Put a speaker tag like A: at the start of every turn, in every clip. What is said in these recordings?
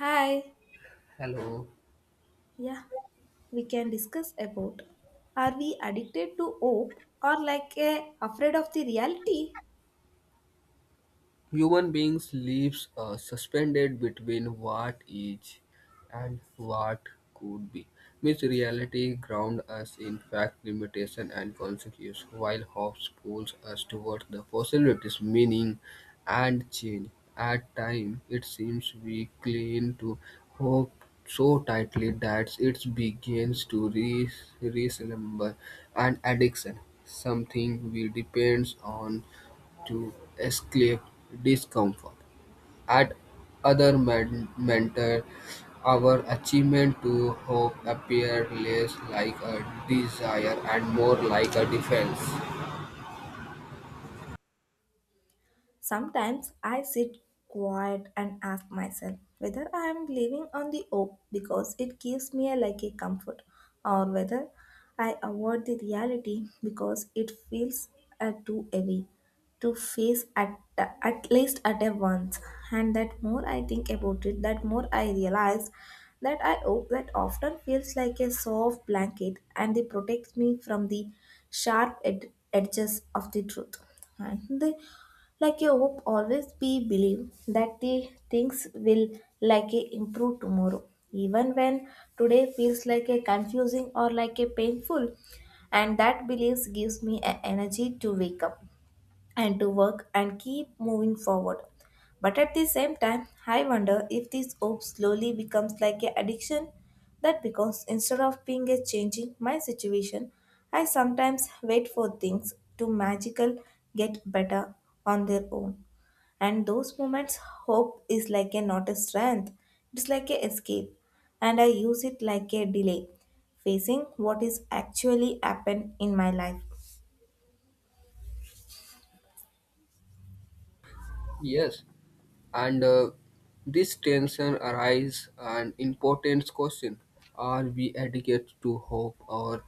A: Hi,
B: Hello.
A: yeah, we can discuss about are we addicted to hope or like a afraid of the reality?
B: Human beings lives suspended between what is and what could be. Myth reality ground us in fact, limitation, and consequence, while hopes pulls us towards the possibilities, meaning, and change. At time, it seems we cling to hope so tightly that it begins to resemble an addiction, something we depends on to escape discomfort, and other mentor our achievement to hope appear less like a desire and more like a defense.
A: Sometimes I sit quiet and ask myself whether I am living on the hope because it gives me a, like a comfort, or whether I avoid the reality because it feels too heavy to face at least at a once. And that more I think about it, that more I realize that I hope that often feels like a soft blanket, and it protects me from the sharp edges of the truth and the like a hope always be believe that the things will like a improve tomorrow, even when today feels like a confusing or like a painful. And that beliefs gives me a energy to wake up and to work and keep moving forward. But at the same time, I wonder if this hope slowly becomes like an addiction, that because instead of being a changing my situation, I sometimes wait for things to magical get better on their own. And those moments, hope is like a not a strength, it's like a escape. And I use it like a delay, facing what is actually happened in my life.
B: Yes, and this tension arises an important question. Are we addicted to hope, or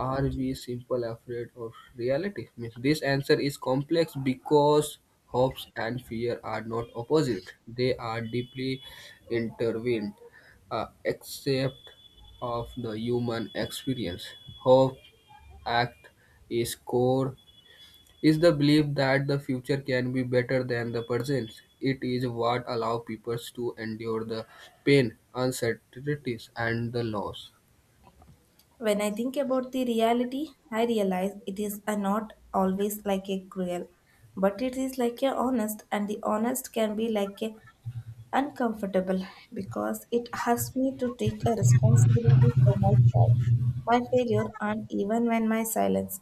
B: are we simple afraid of reality? Means this answer is complex because hopes and fear are not opposite. They are deeply intertwined, except of the human experience. Hope act is core is the belief that the future can be better than the present. It is what allow people to endure the pain, uncertainties, and the loss.
A: When I think about the reality, I realize it is a not always like a cruel, but it is like a honest, and the honest can be like a uncomfortable because it asks me to take a responsibility for my fault, my failure, and even when my silence.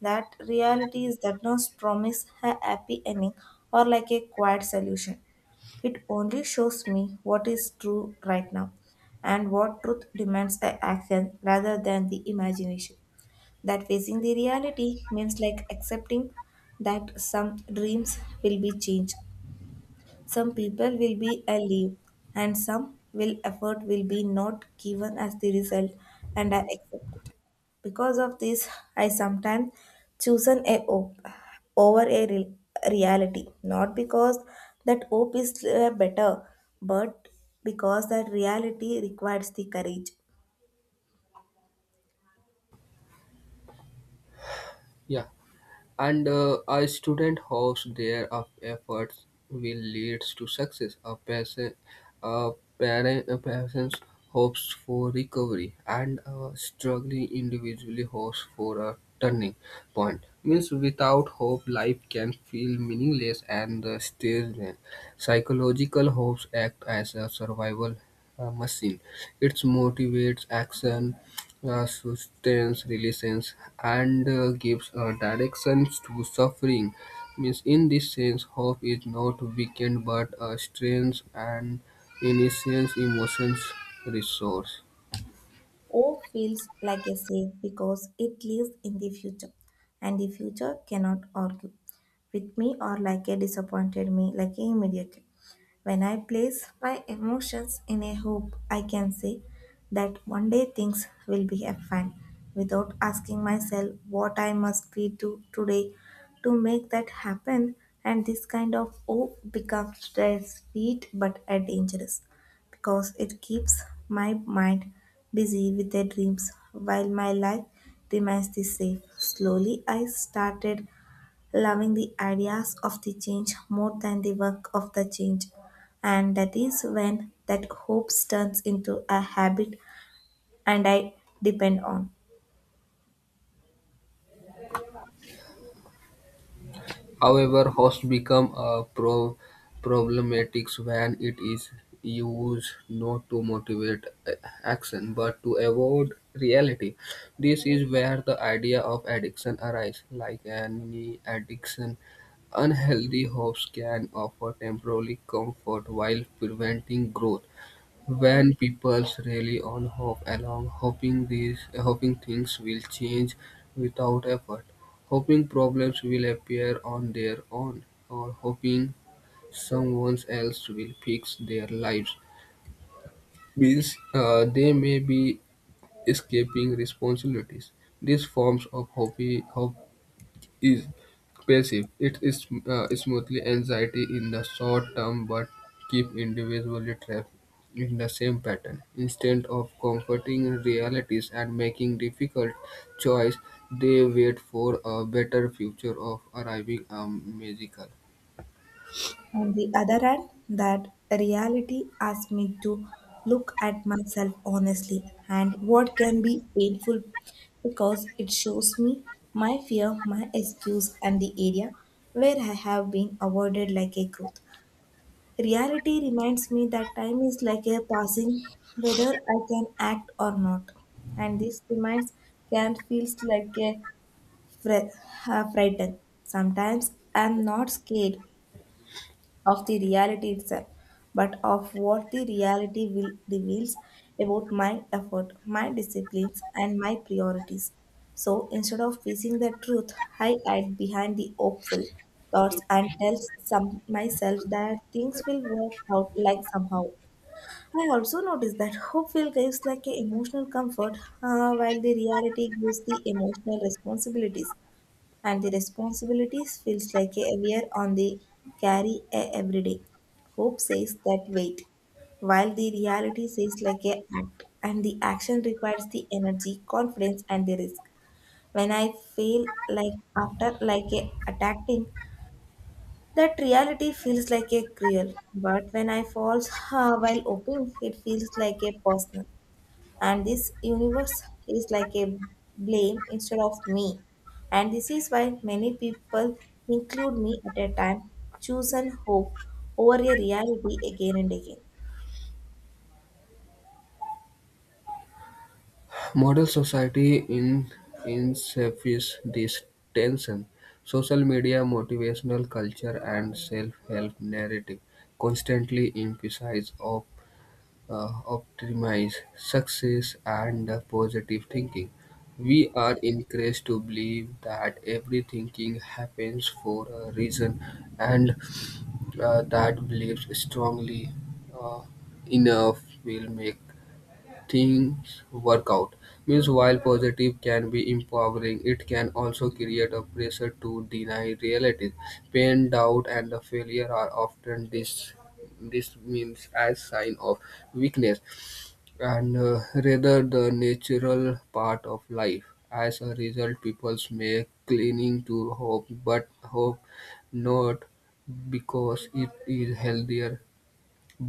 A: That reality is that not promise a happy ending or like a quiet solution. It only shows me what is true right now, and what truth demands a action rather than the imagination. That facing the reality means like accepting that some dreams will be changed, some people will be a leave, and some will effort will be not given as the result, and I accept it. Because of this, I sometimes chosen a hope over a reality, not because that hope is better, but because that reality requires the courage.
B: Yeah. And a student hopes their efforts will lead to success. A person, a parent, a person hopes for recovery, and a struggling individually hopes for a turning point. Means without hope, life can feel meaningless and the stage then. Psychological hopes act as a survival machine. It motivates action, sustains relations, and gives directions to suffering. Means in this sense, hope is not weakened but strengthens and innocence emotions resource.
A: Hope feels like a safe because it lives in the future, and the future cannot argue with me or like a disappointed me, like a immediate. When I place my emotions in a hoop, I can say that one day things will be fine without asking myself what I must be do today to make that happen. And this kind of hope becomes very sweet but dangerous, because it keeps my mind busy with their dreams while my life remains the same. Slowly, I started loving the ideas of the change more than the work of the change. And that is when that hope turns into a habit and I depend on.
B: However, host become a problematic when it is used not to motivate action but to avoid reality. This is where the idea of addiction arises. Like any addiction, unhealthy hopes can offer temporary comfort while preventing growth. When people rely on hope alone, hoping things will change without effort, hoping problems will appear on their own, or hoping someone else will fix their lives, means they may be escaping responsibilities. These forms of hope is passive. It is smoothly anxiety in the short term but keep individually trapped in the same pattern. Instead of comforting realities and making difficult choice, they wait for a better future of arriving a magical.
A: On the other hand, that reality asks me to look at myself honestly, and what can be painful because it shows me my fear, my excuse, and the area where I have been avoided like a growth. Reality reminds me that time is like a passing, whether I can act or not. And this reminds can feels like a fre- a frighten. Sometimes I'm not scared of the reality itself, but of what the reality will, reveals about my effort, my disciplines, and my priorities. So instead of facing the truth, I hide behind the hopeful thoughts and tell some myself that things will work out like somehow. I also noticed that hope will gives like a emotional comfort, while the reality gives the emotional responsibilities, and the responsibilities feels like a wear on the carry a every day. Hope says that wait, while the reality says like a act, and the action requires the energy, confidence, and the risk. When I feel like after like a attacking, that reality feels like a cruel. But when I fall while hoping, it feels like a personal, and this universe is like a blame instead of me, and this is why many people include me at a time chosen hope over a reality again and again.
B: Modern society in insists this tension. Social media, motivational culture, and self-help narrative constantly emphasize of optimize success and positive thinking. We are encouraged to believe that every thinking happens for a reason, and that believes strongly uh, enough will make things work out. Means while positive can be empowering, it can also create a pressure to deny realities. Pain, doubt, and the failure are often dismissed as sign of weakness, and rather the natural part of life. As a result, people may clinging to hope, but hope not because it is healthier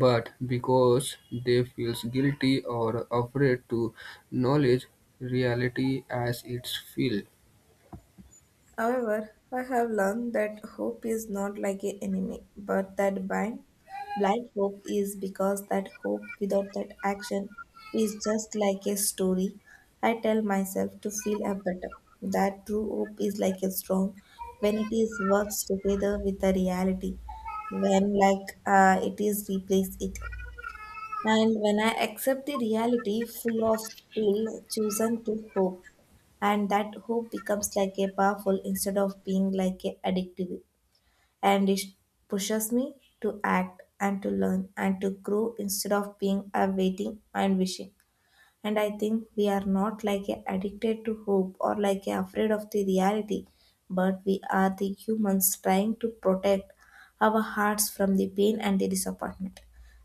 B: but because they feels guilty or afraid to knowledge reality as it's feel.
A: However, I have learned that hope is not like an enemy, but that blind hope is, because that hope without that action is just like a story I tell myself to feel a better. That true hope is like a strong when it is works together with the reality, when like it is replace it. And when I accept the reality full of still chosen to hope, and that hope becomes like a powerful instead of being like a addictive, and it pushes me to act and to learn and to grow instead of being a waiting and wishing. And I think we are not like a addicted to hope or like a afraid of the reality, but we are the humans trying to protect our hearts from the pain and the disappointment.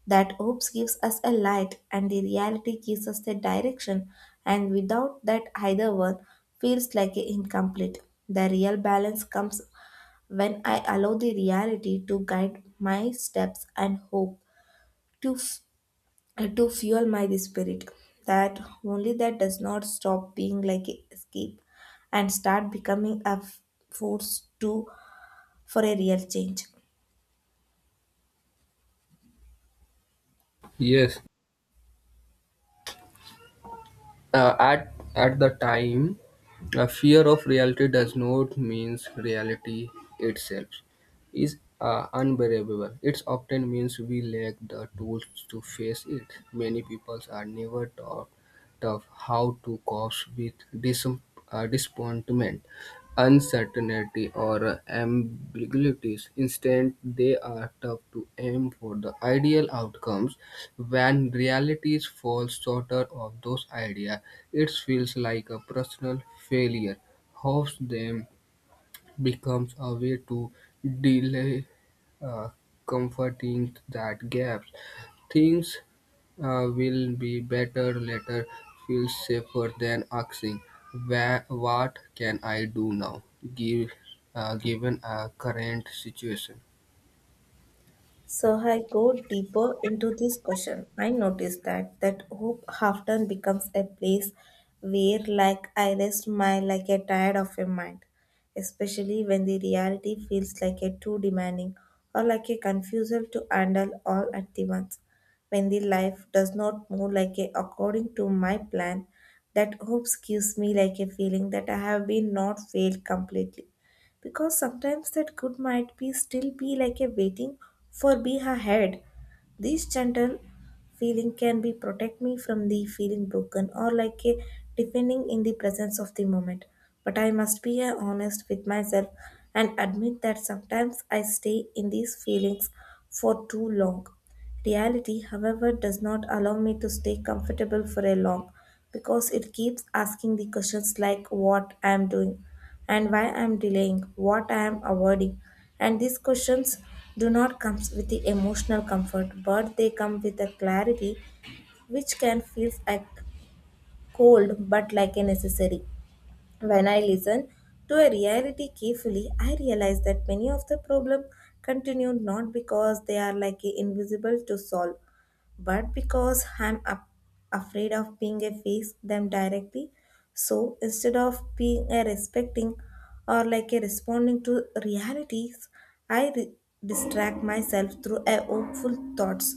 A: That hopes gives us a light, and the reality gives us the direction, and without that either one feels like a incomplete. The real balance comes when I allow the reality to guide my steps and hope to f- to fuel my spirit, that only that does not stop being like a escape and start becoming a force to for a real change.
B: Yes, at the time, a fear of reality does not means reality itself is unbearable. It often means we lack the tools to face it. Many people are never taught of how to cope with dis- disappointment, uncertainty, or ambiguities. Instead, they are tough to aim for the ideal outcomes when reality falls short of those ideas, it feels like a personal failure. Hopes them becomes a way to delay, uh, comforting that gap. Things will be better later feels safer than asking, What can I do now give, given a current situation?"
A: So I go deeper into this question. I notice that that hope often becomes a place where like I rest my like a tired of a mind, especially when the reality feels like a too demanding or like a confusal to handle all at the once. When the life does not move like a according to my plan, that hope gives me like a feeling that I have been not failed completely, because sometimes that good might be still be like a waiting for be ahead. This gentle feeling can be protect me from the feeling broken or like a defending in the presence of the moment. But I must be honest with myself and admit that sometimes I stay in these feelings for too long. Reality, however, does not allow me to stay comfortable for a long, because it keeps asking the questions like what I am doing and why I'm delaying, what I'm avoiding. And these questions do not come with the emotional comfort, but they come with a clarity which can feel like cold but like a necessary. When I listen to a reality carefully, I realize that many of the problem continue not because they are like invisible to solve, but because I'm up, afraid of being a face them directly. So instead of being a respecting or like a responding to realities, I re- distract myself through a hopeful thoughts.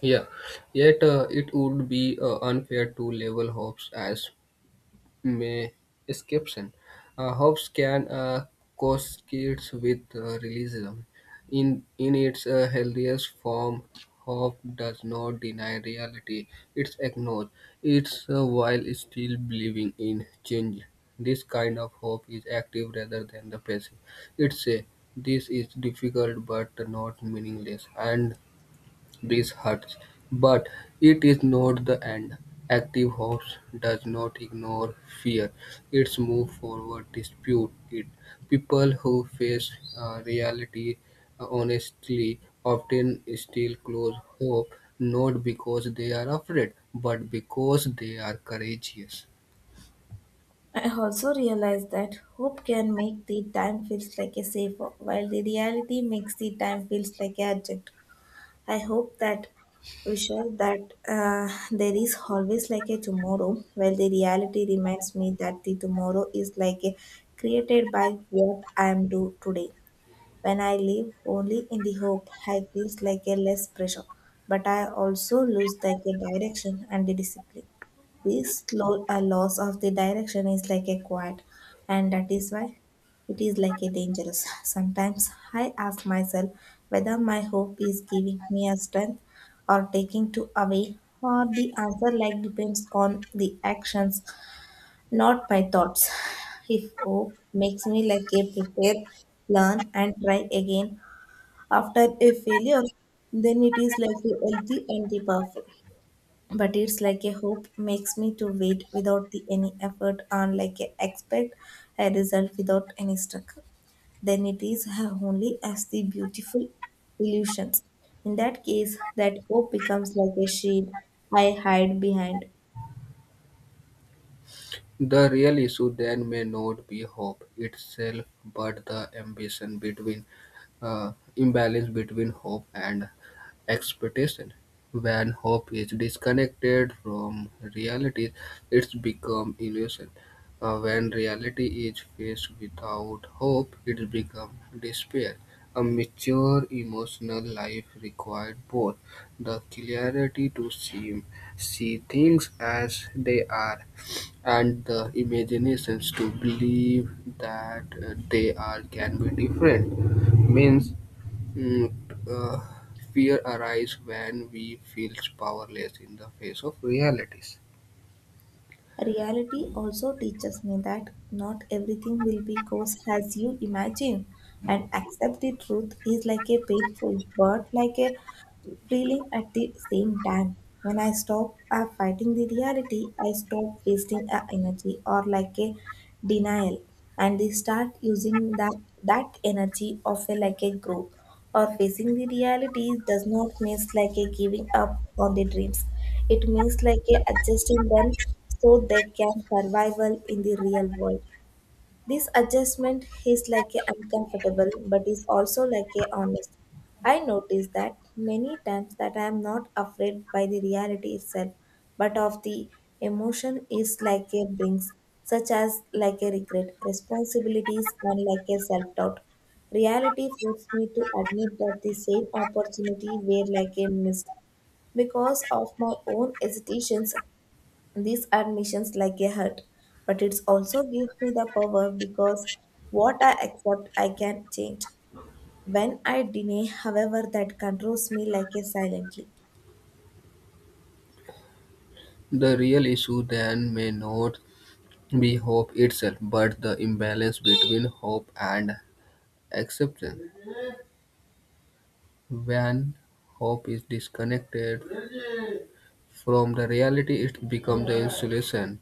B: Yeah, yet it would be unfair to label Hobbes as may exception. Hobbes can kids with realism. In its healthiest form, Hobbes does not deny reality; it's acknowledged. It's while still believing in change. This kind of hope is active rather than the passive. It's a this is difficult but not meaningless, and this hurts, but it is not the end. Active hope does not ignore fear; it's move forward, dispute it. People who face reality honestly often still close hope, not because they are afraid, but because they are courageous.
A: I also realized that hope can make the time feels like a safer, while the reality makes the time feels like a adjunct. I hope that we sure that there is always like a tomorrow, while the reality reminds me that the tomorrow is like a created by what I am do today. When I live only in the hope, I feels like a less pressure, but I also lose like a direction and the discipline. This a loss of the direction is like a quiet, and that is why it is like a dangerous. Sometimes I ask myself whether my hope is giving me a strength or taking to away, or the answer like depends on the actions not my thoughts. If hope makes me like a prepare, learn, and try again after a failure, then it is like a healthy and the powerful. But it's like a hope makes me to wait without the any effort and like a expect a result without any struggle. Then it is only as the beautiful illusions. In that case, that hope becomes like a shield I hide behind.
B: The real issue then may not be hope itself, but the ambition between imbalance between hope and expectation. When hope is disconnected from reality, it's become illusion. When reality is faced without hope, it becomes despair. A mature emotional life required both the clarity to see things as they are, and the imaginations to believe that they are can be different means Mm, uh, fear arises when we feel powerless in the face of realities.
A: Reality also teaches me that not everything will be goes as you imagine, and accept the truth is like a painful but like a feeling at the same time. When I stop fighting the reality, I stop wasting energy or like a denial, and they start using that, that energy of a, like a growth, or facing the reality does not means like a giving up on the dreams. It means like a adjusting them so they can survival in the real world. This adjustment is like a uncomfortable but is also like a honest. I notice that many times that I am not afraid by the reality itself, but of the emotion is like a brings, such as like a regret, responsibilities and like a self-doubt. Reality forced me to admit that the same opportunity were like a missed because of my own hesitations, these are missions like a hurt, but it also gives me the power because what I accept, I can change. When I deny, however, that controls me like a silently.
B: The real issue then may not be hope itself, but the imbalance between hope and acceptance. When hope is disconnected from the reality, it becomes the insulation.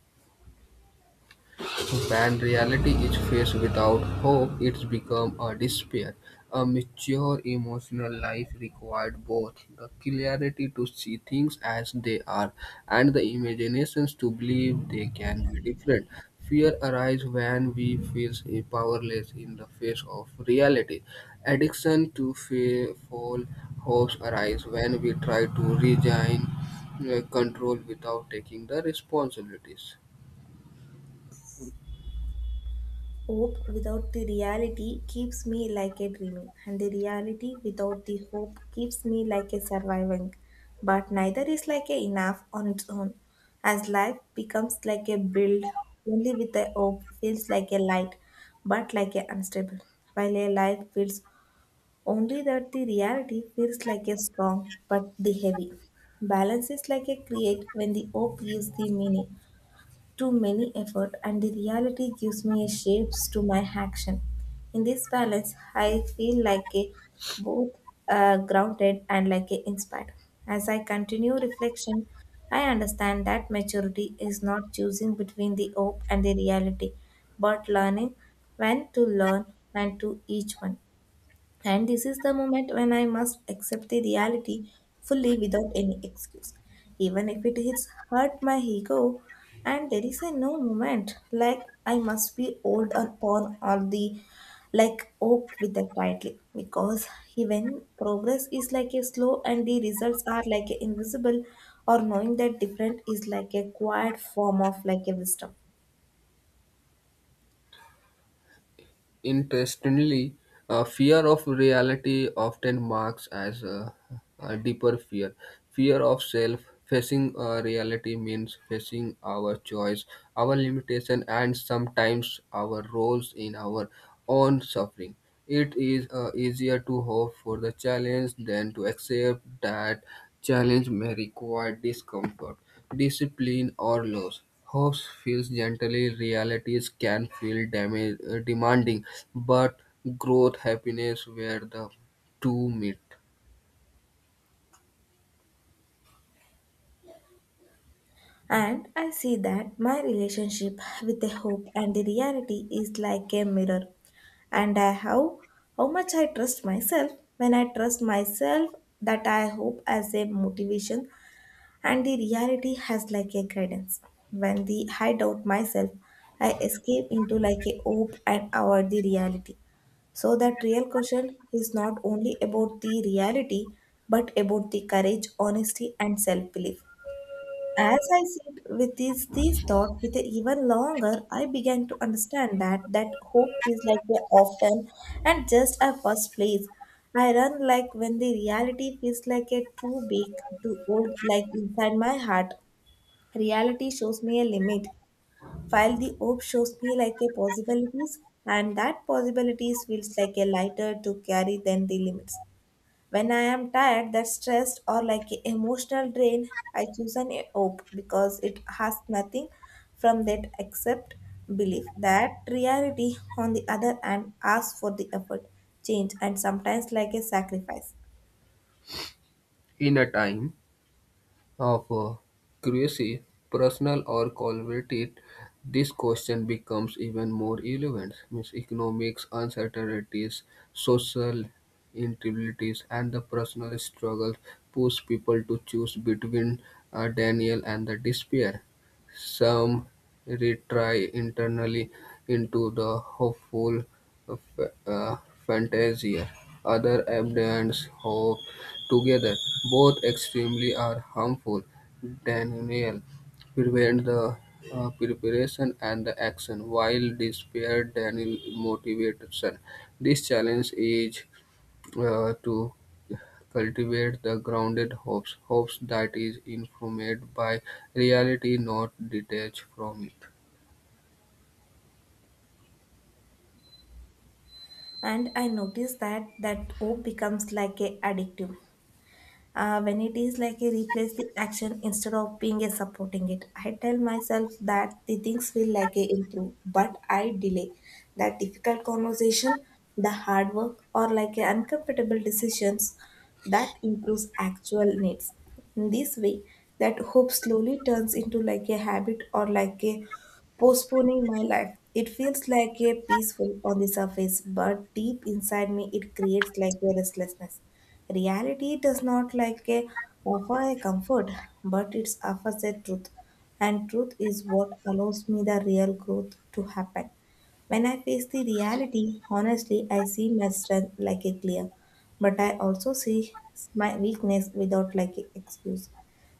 B: When reality is faced without hope, it's become a despair. A mature emotional life requires both the clarity to see things as they are and the imaginations to believe they can be different. Fear arises when we feel powerless in the face of reality. Addiction to fear, fall, hopes arise when we try to regain control without taking the responsibilities.
A: Hope without the reality keeps me like a dreaming, and the reality without the hope keeps me like a surviving. But neither is like a enough on its own. As life becomes like a build, only with a hope feels like a light, but like a unstable, while a life feels only that the reality feels like a strong but the heavy. Balance is like a create when the hope gives the meaning to many effort and the reality gives me a shapes to my action. In this balance, I feel like a both grounded and like a inspired. As I continue reflection, I understand that maturity is not choosing between the hope and the reality, but learning when to learn and to each one. And this is the moment when I must accept the reality fully without any excuse. Even if it hits hurt my ego, and there is a no moment like I must be old upon all the like hope with that tightly because even progress is like a slow and the results are like a invisible or knowing that different is like a quiet form of like a wisdom.
B: Interestingly, fear of reality often marks as a deeper fear. Fear of self facing reality means facing our choice, our limitation, and sometimes our roles in our own suffering. It is easier to hope for the challenge than to accept that challenge may require discomfort, discipline, or loss. Hope feels gently, realities can feel demanding, but growth, happiness, where the two meet.
A: And I see that my relationship with the hope and the reality is like a mirror. And I how much I trust myself. When I trust myself that I hope as a motivation and the reality has like a guidance. When the I doubt myself, I escape into like a hope and avoid the reality. So that real question is not only about the reality but about the courage, honesty and self-belief. As I sit with these thoughts with even longer, I began to understand that that hope is like a often and just a first place. I run like when the reality feels like a too big, to hold, like inside my heart. Reality shows me a limit, while the hope shows me like a possibilities, and that possibilities feels like a lighter to carry than the limits. When I am tired, that stressed or like a emotional drain, I choose an hope because it has nothing from that except belief. That reality, on the other hand, asks for the effort, change, and sometimes like a sacrifice.
B: In a time of curiosity, personal or collaborative, this question becomes even more relevant. Means economics, uncertainties, social instabilities, and the personal struggles push people to choose between Daniel and the despair. Some retry internally into the hopeful f- uh, fantasia. Other abundance hope together. Both extremely are harmful. Daniel prevent the preparation and the action, while despair Daniel motivation. This challenge is to cultivate the grounded hopes, hopes that is informed by reality, not detached from it.
A: And I notice that that hope becomes like a addictive. When it is like a replace the action instead of being a supporting it, I tell myself that the things will like a improve but I delay that difficult conversation, the hard work or like a uncomfortable decisions that improves actual needs. In this way, that hope slowly turns into like a habit or like a postponing my life. It feels like a peaceful on the surface but deep inside me it creates like a restlessness. Reality does not like a offer a comfort, but it offers a truth. And truth is what allows me the real growth to happen. When I face the reality, honestly, I see my strength like a clear, but I also see my weakness without like a excuse.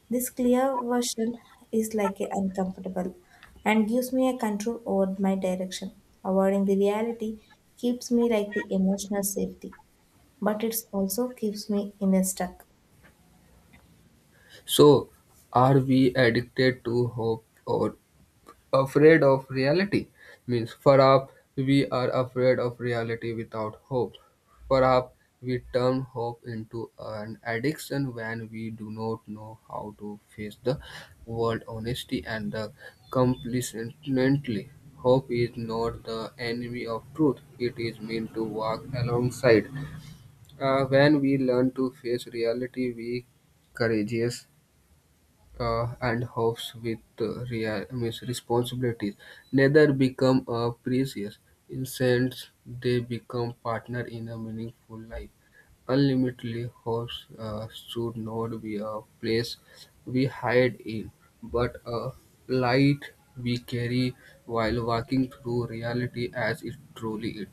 A: This clear version is like a uncomfortable and gives me a control over my direction. Avoiding the reality keeps me like the emotional safety but it also keeps me in a stuck.
B: So, are we addicted to hope or afraid of reality means perhaps we are afraid of reality without hope, perhaps we turn hope into an addiction when we do not know how to face the world honesty and the complacently. Hope is not the enemy of truth; it is meant to walk alongside. When we learn to face reality we courageous, and hopes with means responsibilities. Neither become precious. Instead, they become partner in a meaningful life. Unlimitedly hopes should not be a place we hide in, but a light we carry while walking through reality as it truly is.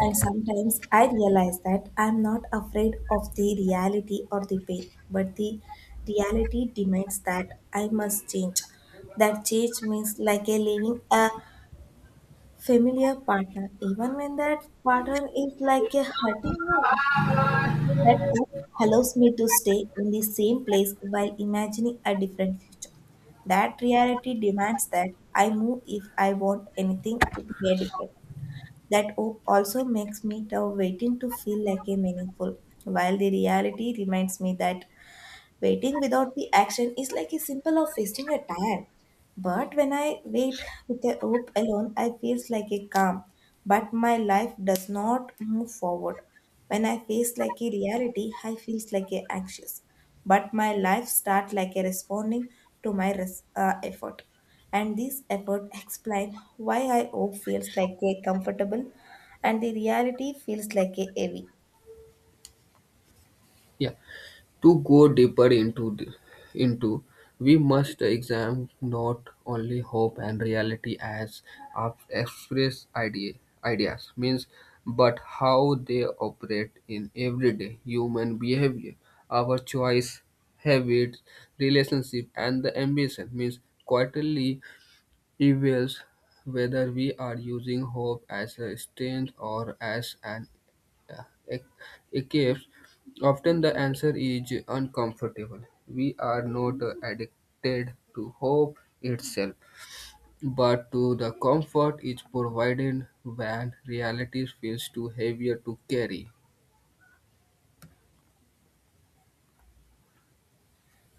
A: And sometimes I realize that I'm not afraid of the reality or the pain, but the reality demands that I must change. That change means like a leaving a familiar partner, even when that partner is like a hurting me. That hope allows me to stay in the same place while imagining a different future. That reality demands that I move if I want anything to be a different. That hope also makes me the waiting to feel like a meaningful, while the reality reminds me that waiting without the action is like a symbol of wasting a time. But when I wait with a hope alone, I feels like a calm. But my life does not move forward. When I face like a reality, I feels like a anxious. But my life start like a responding to my effort. And this effort explain why I hope feels like a comfortable and the reality feels like a heavy.
B: Yeah. To go deeper into into, we must examine not only hope and reality as express idea, ideas means, but how they operate in everyday human behavior, our choice, habits, relationship, and the ambition means quietly evaluates whether we are using hope as a strength or as an e- escapes, often the answer is uncomfortable. We are not addicted to hope itself, but to the comfort it provided when reality feels too heavy to carry.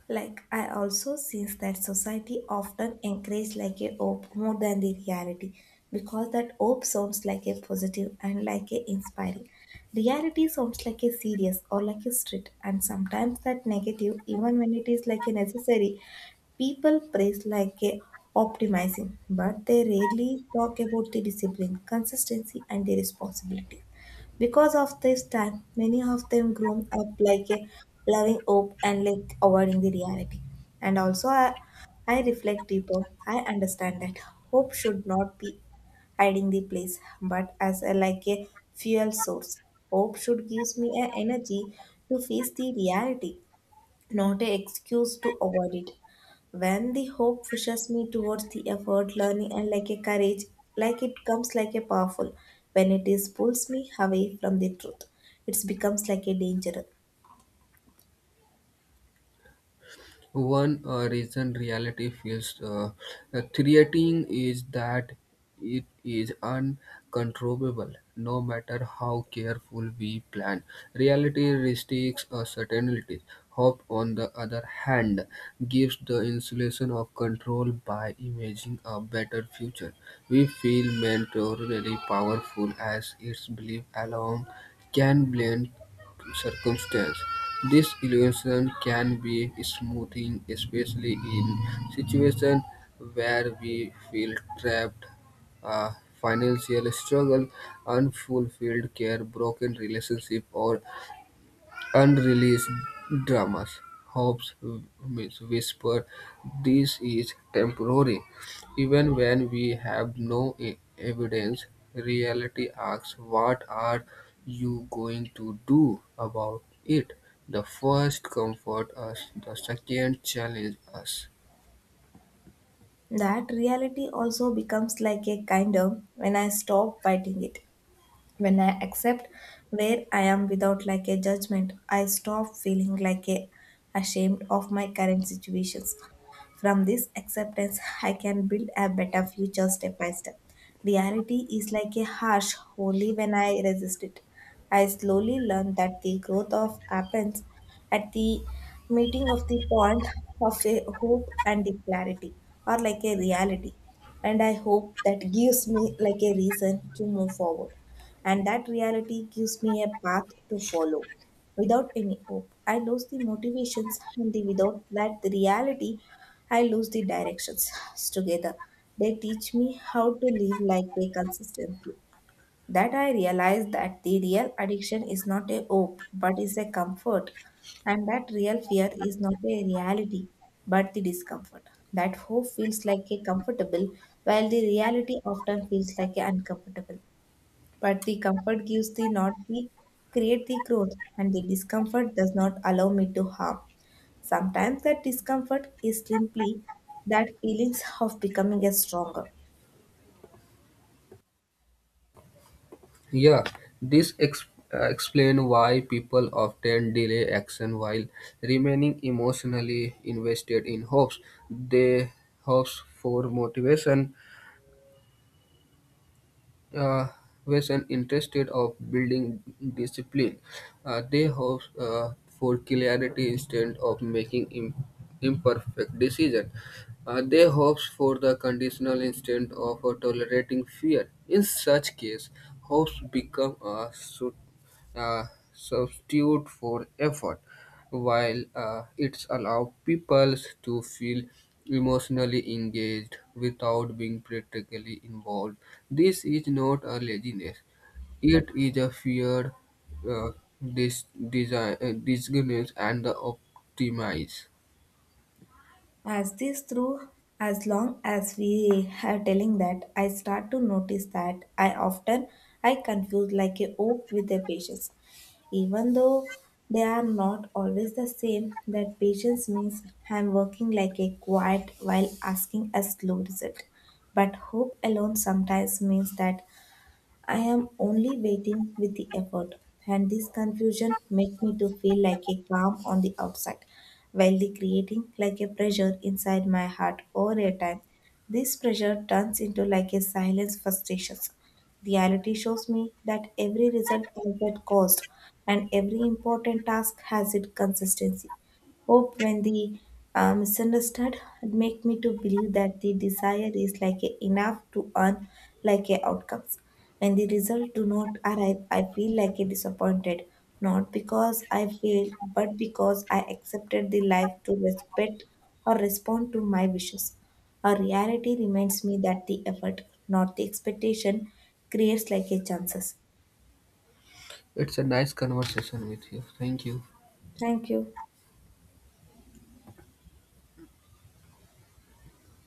A: Like I also sense that society often encourage like a hope more than the reality because that hope sounds like a positive and like a inspiring. Reality sounds like a serious or like a strict and sometimes that negative even when it is like a necessary. People praise like a optimizing but they rarely talk about the discipline, consistency and the responsibility. Because of this time, many of them grown up like a loving hope and like avoiding the reality. And also, I reflect deeper. I understand that hope should not be hiding the place, but as a, like a fuel source. Hope should gives me an energy to face the reality, not an excuse to avoid it. When the hope pushes me towards the effort, learning, and like a courage, like it comes like a powerful. When it is pulls me away from the truth, it becomes like a danger.
B: One reason reality feels creating is that it is uncontrollable. No matter how careful we plan, reality restricts our certainties. Hope, on the other hand, gives the insulation of control by imagining a better future. We feel mentorally powerful as its belief alone can blend circumstance. This illusion can be smoothing, especially in situations where we feel trapped, uh, financial struggle, unfulfilled care, broken relationship, or unreleased dramas, Hopes. Hobbes Whisper. This is temporary. Even when we have no evidence, reality asks, what are you going to do about it? The first comfort us, the second challenges us.
A: That reality also becomes like a kinder when I stop fighting it. When I accept where I am without like a judgment, I stop feeling like a ashamed of my current situations. From this acceptance, I can build a better future step by step. Reality is like a harsh only when I resist it. I slowly learn that the growth of happens at the meeting of the point of a hope and the clarity, or like a reality. And I hope that gives me like a reason to move forward. And that reality gives me a path to follow. Without any hope, I lose the motivations, and the, without that the reality, I lose the directions. Together, they teach me how to live like they consistently. That I realize that the real addiction is not a hope, but is a comfort, and that real fear is not a reality, but the discomfort. That hope feels like a comfortable, while the reality often feels like a uncomfortable. But the comfort gives the not the create the growth and the discomfort does not allow me to harm. Sometimes that discomfort is simply that feelings of becoming a stronger.
B: Yeah, this explains why people often delay action while remaining emotionally invested in hopes. They hopes for motivation, uh, was an interested of building discipline. They hope for clarity instead of making imperfect decision. They hopes for the conditional instead of tolerating fear. In such case, hopes become a uh, substitute for effort while it's allow people to feel emotionally engaged without being practically involved. This is not a laziness. It is a fear, uh, design, disguise, and the optimize.
A: As this through, as long as we are telling, that I start to notice that I often I confuse like a hope with a patience, even though they are not always the same. That patience means I'm working like a quiet while asking a slow result, but hope alone sometimes means that I am only waiting with the effort, and this confusion makes me to feel like a calm on the outside, while the creating like a pressure inside my heart over a time. This pressure turns into like a silence frustration. Reality shows me that every result has that cost, and every important task has its consistency. Hope when the misunderstood had make me to believe that the desire is like a enough to earn like a outcomes. When the result do not arrive, I feel like a disappointed, not because I failed, but because I accepted the life to respect or respond to my wishes. A reality reminds me that the effort, not the expectation, creates like a chances.
B: It's a nice conversation with you. Thank you.
A: Thank you.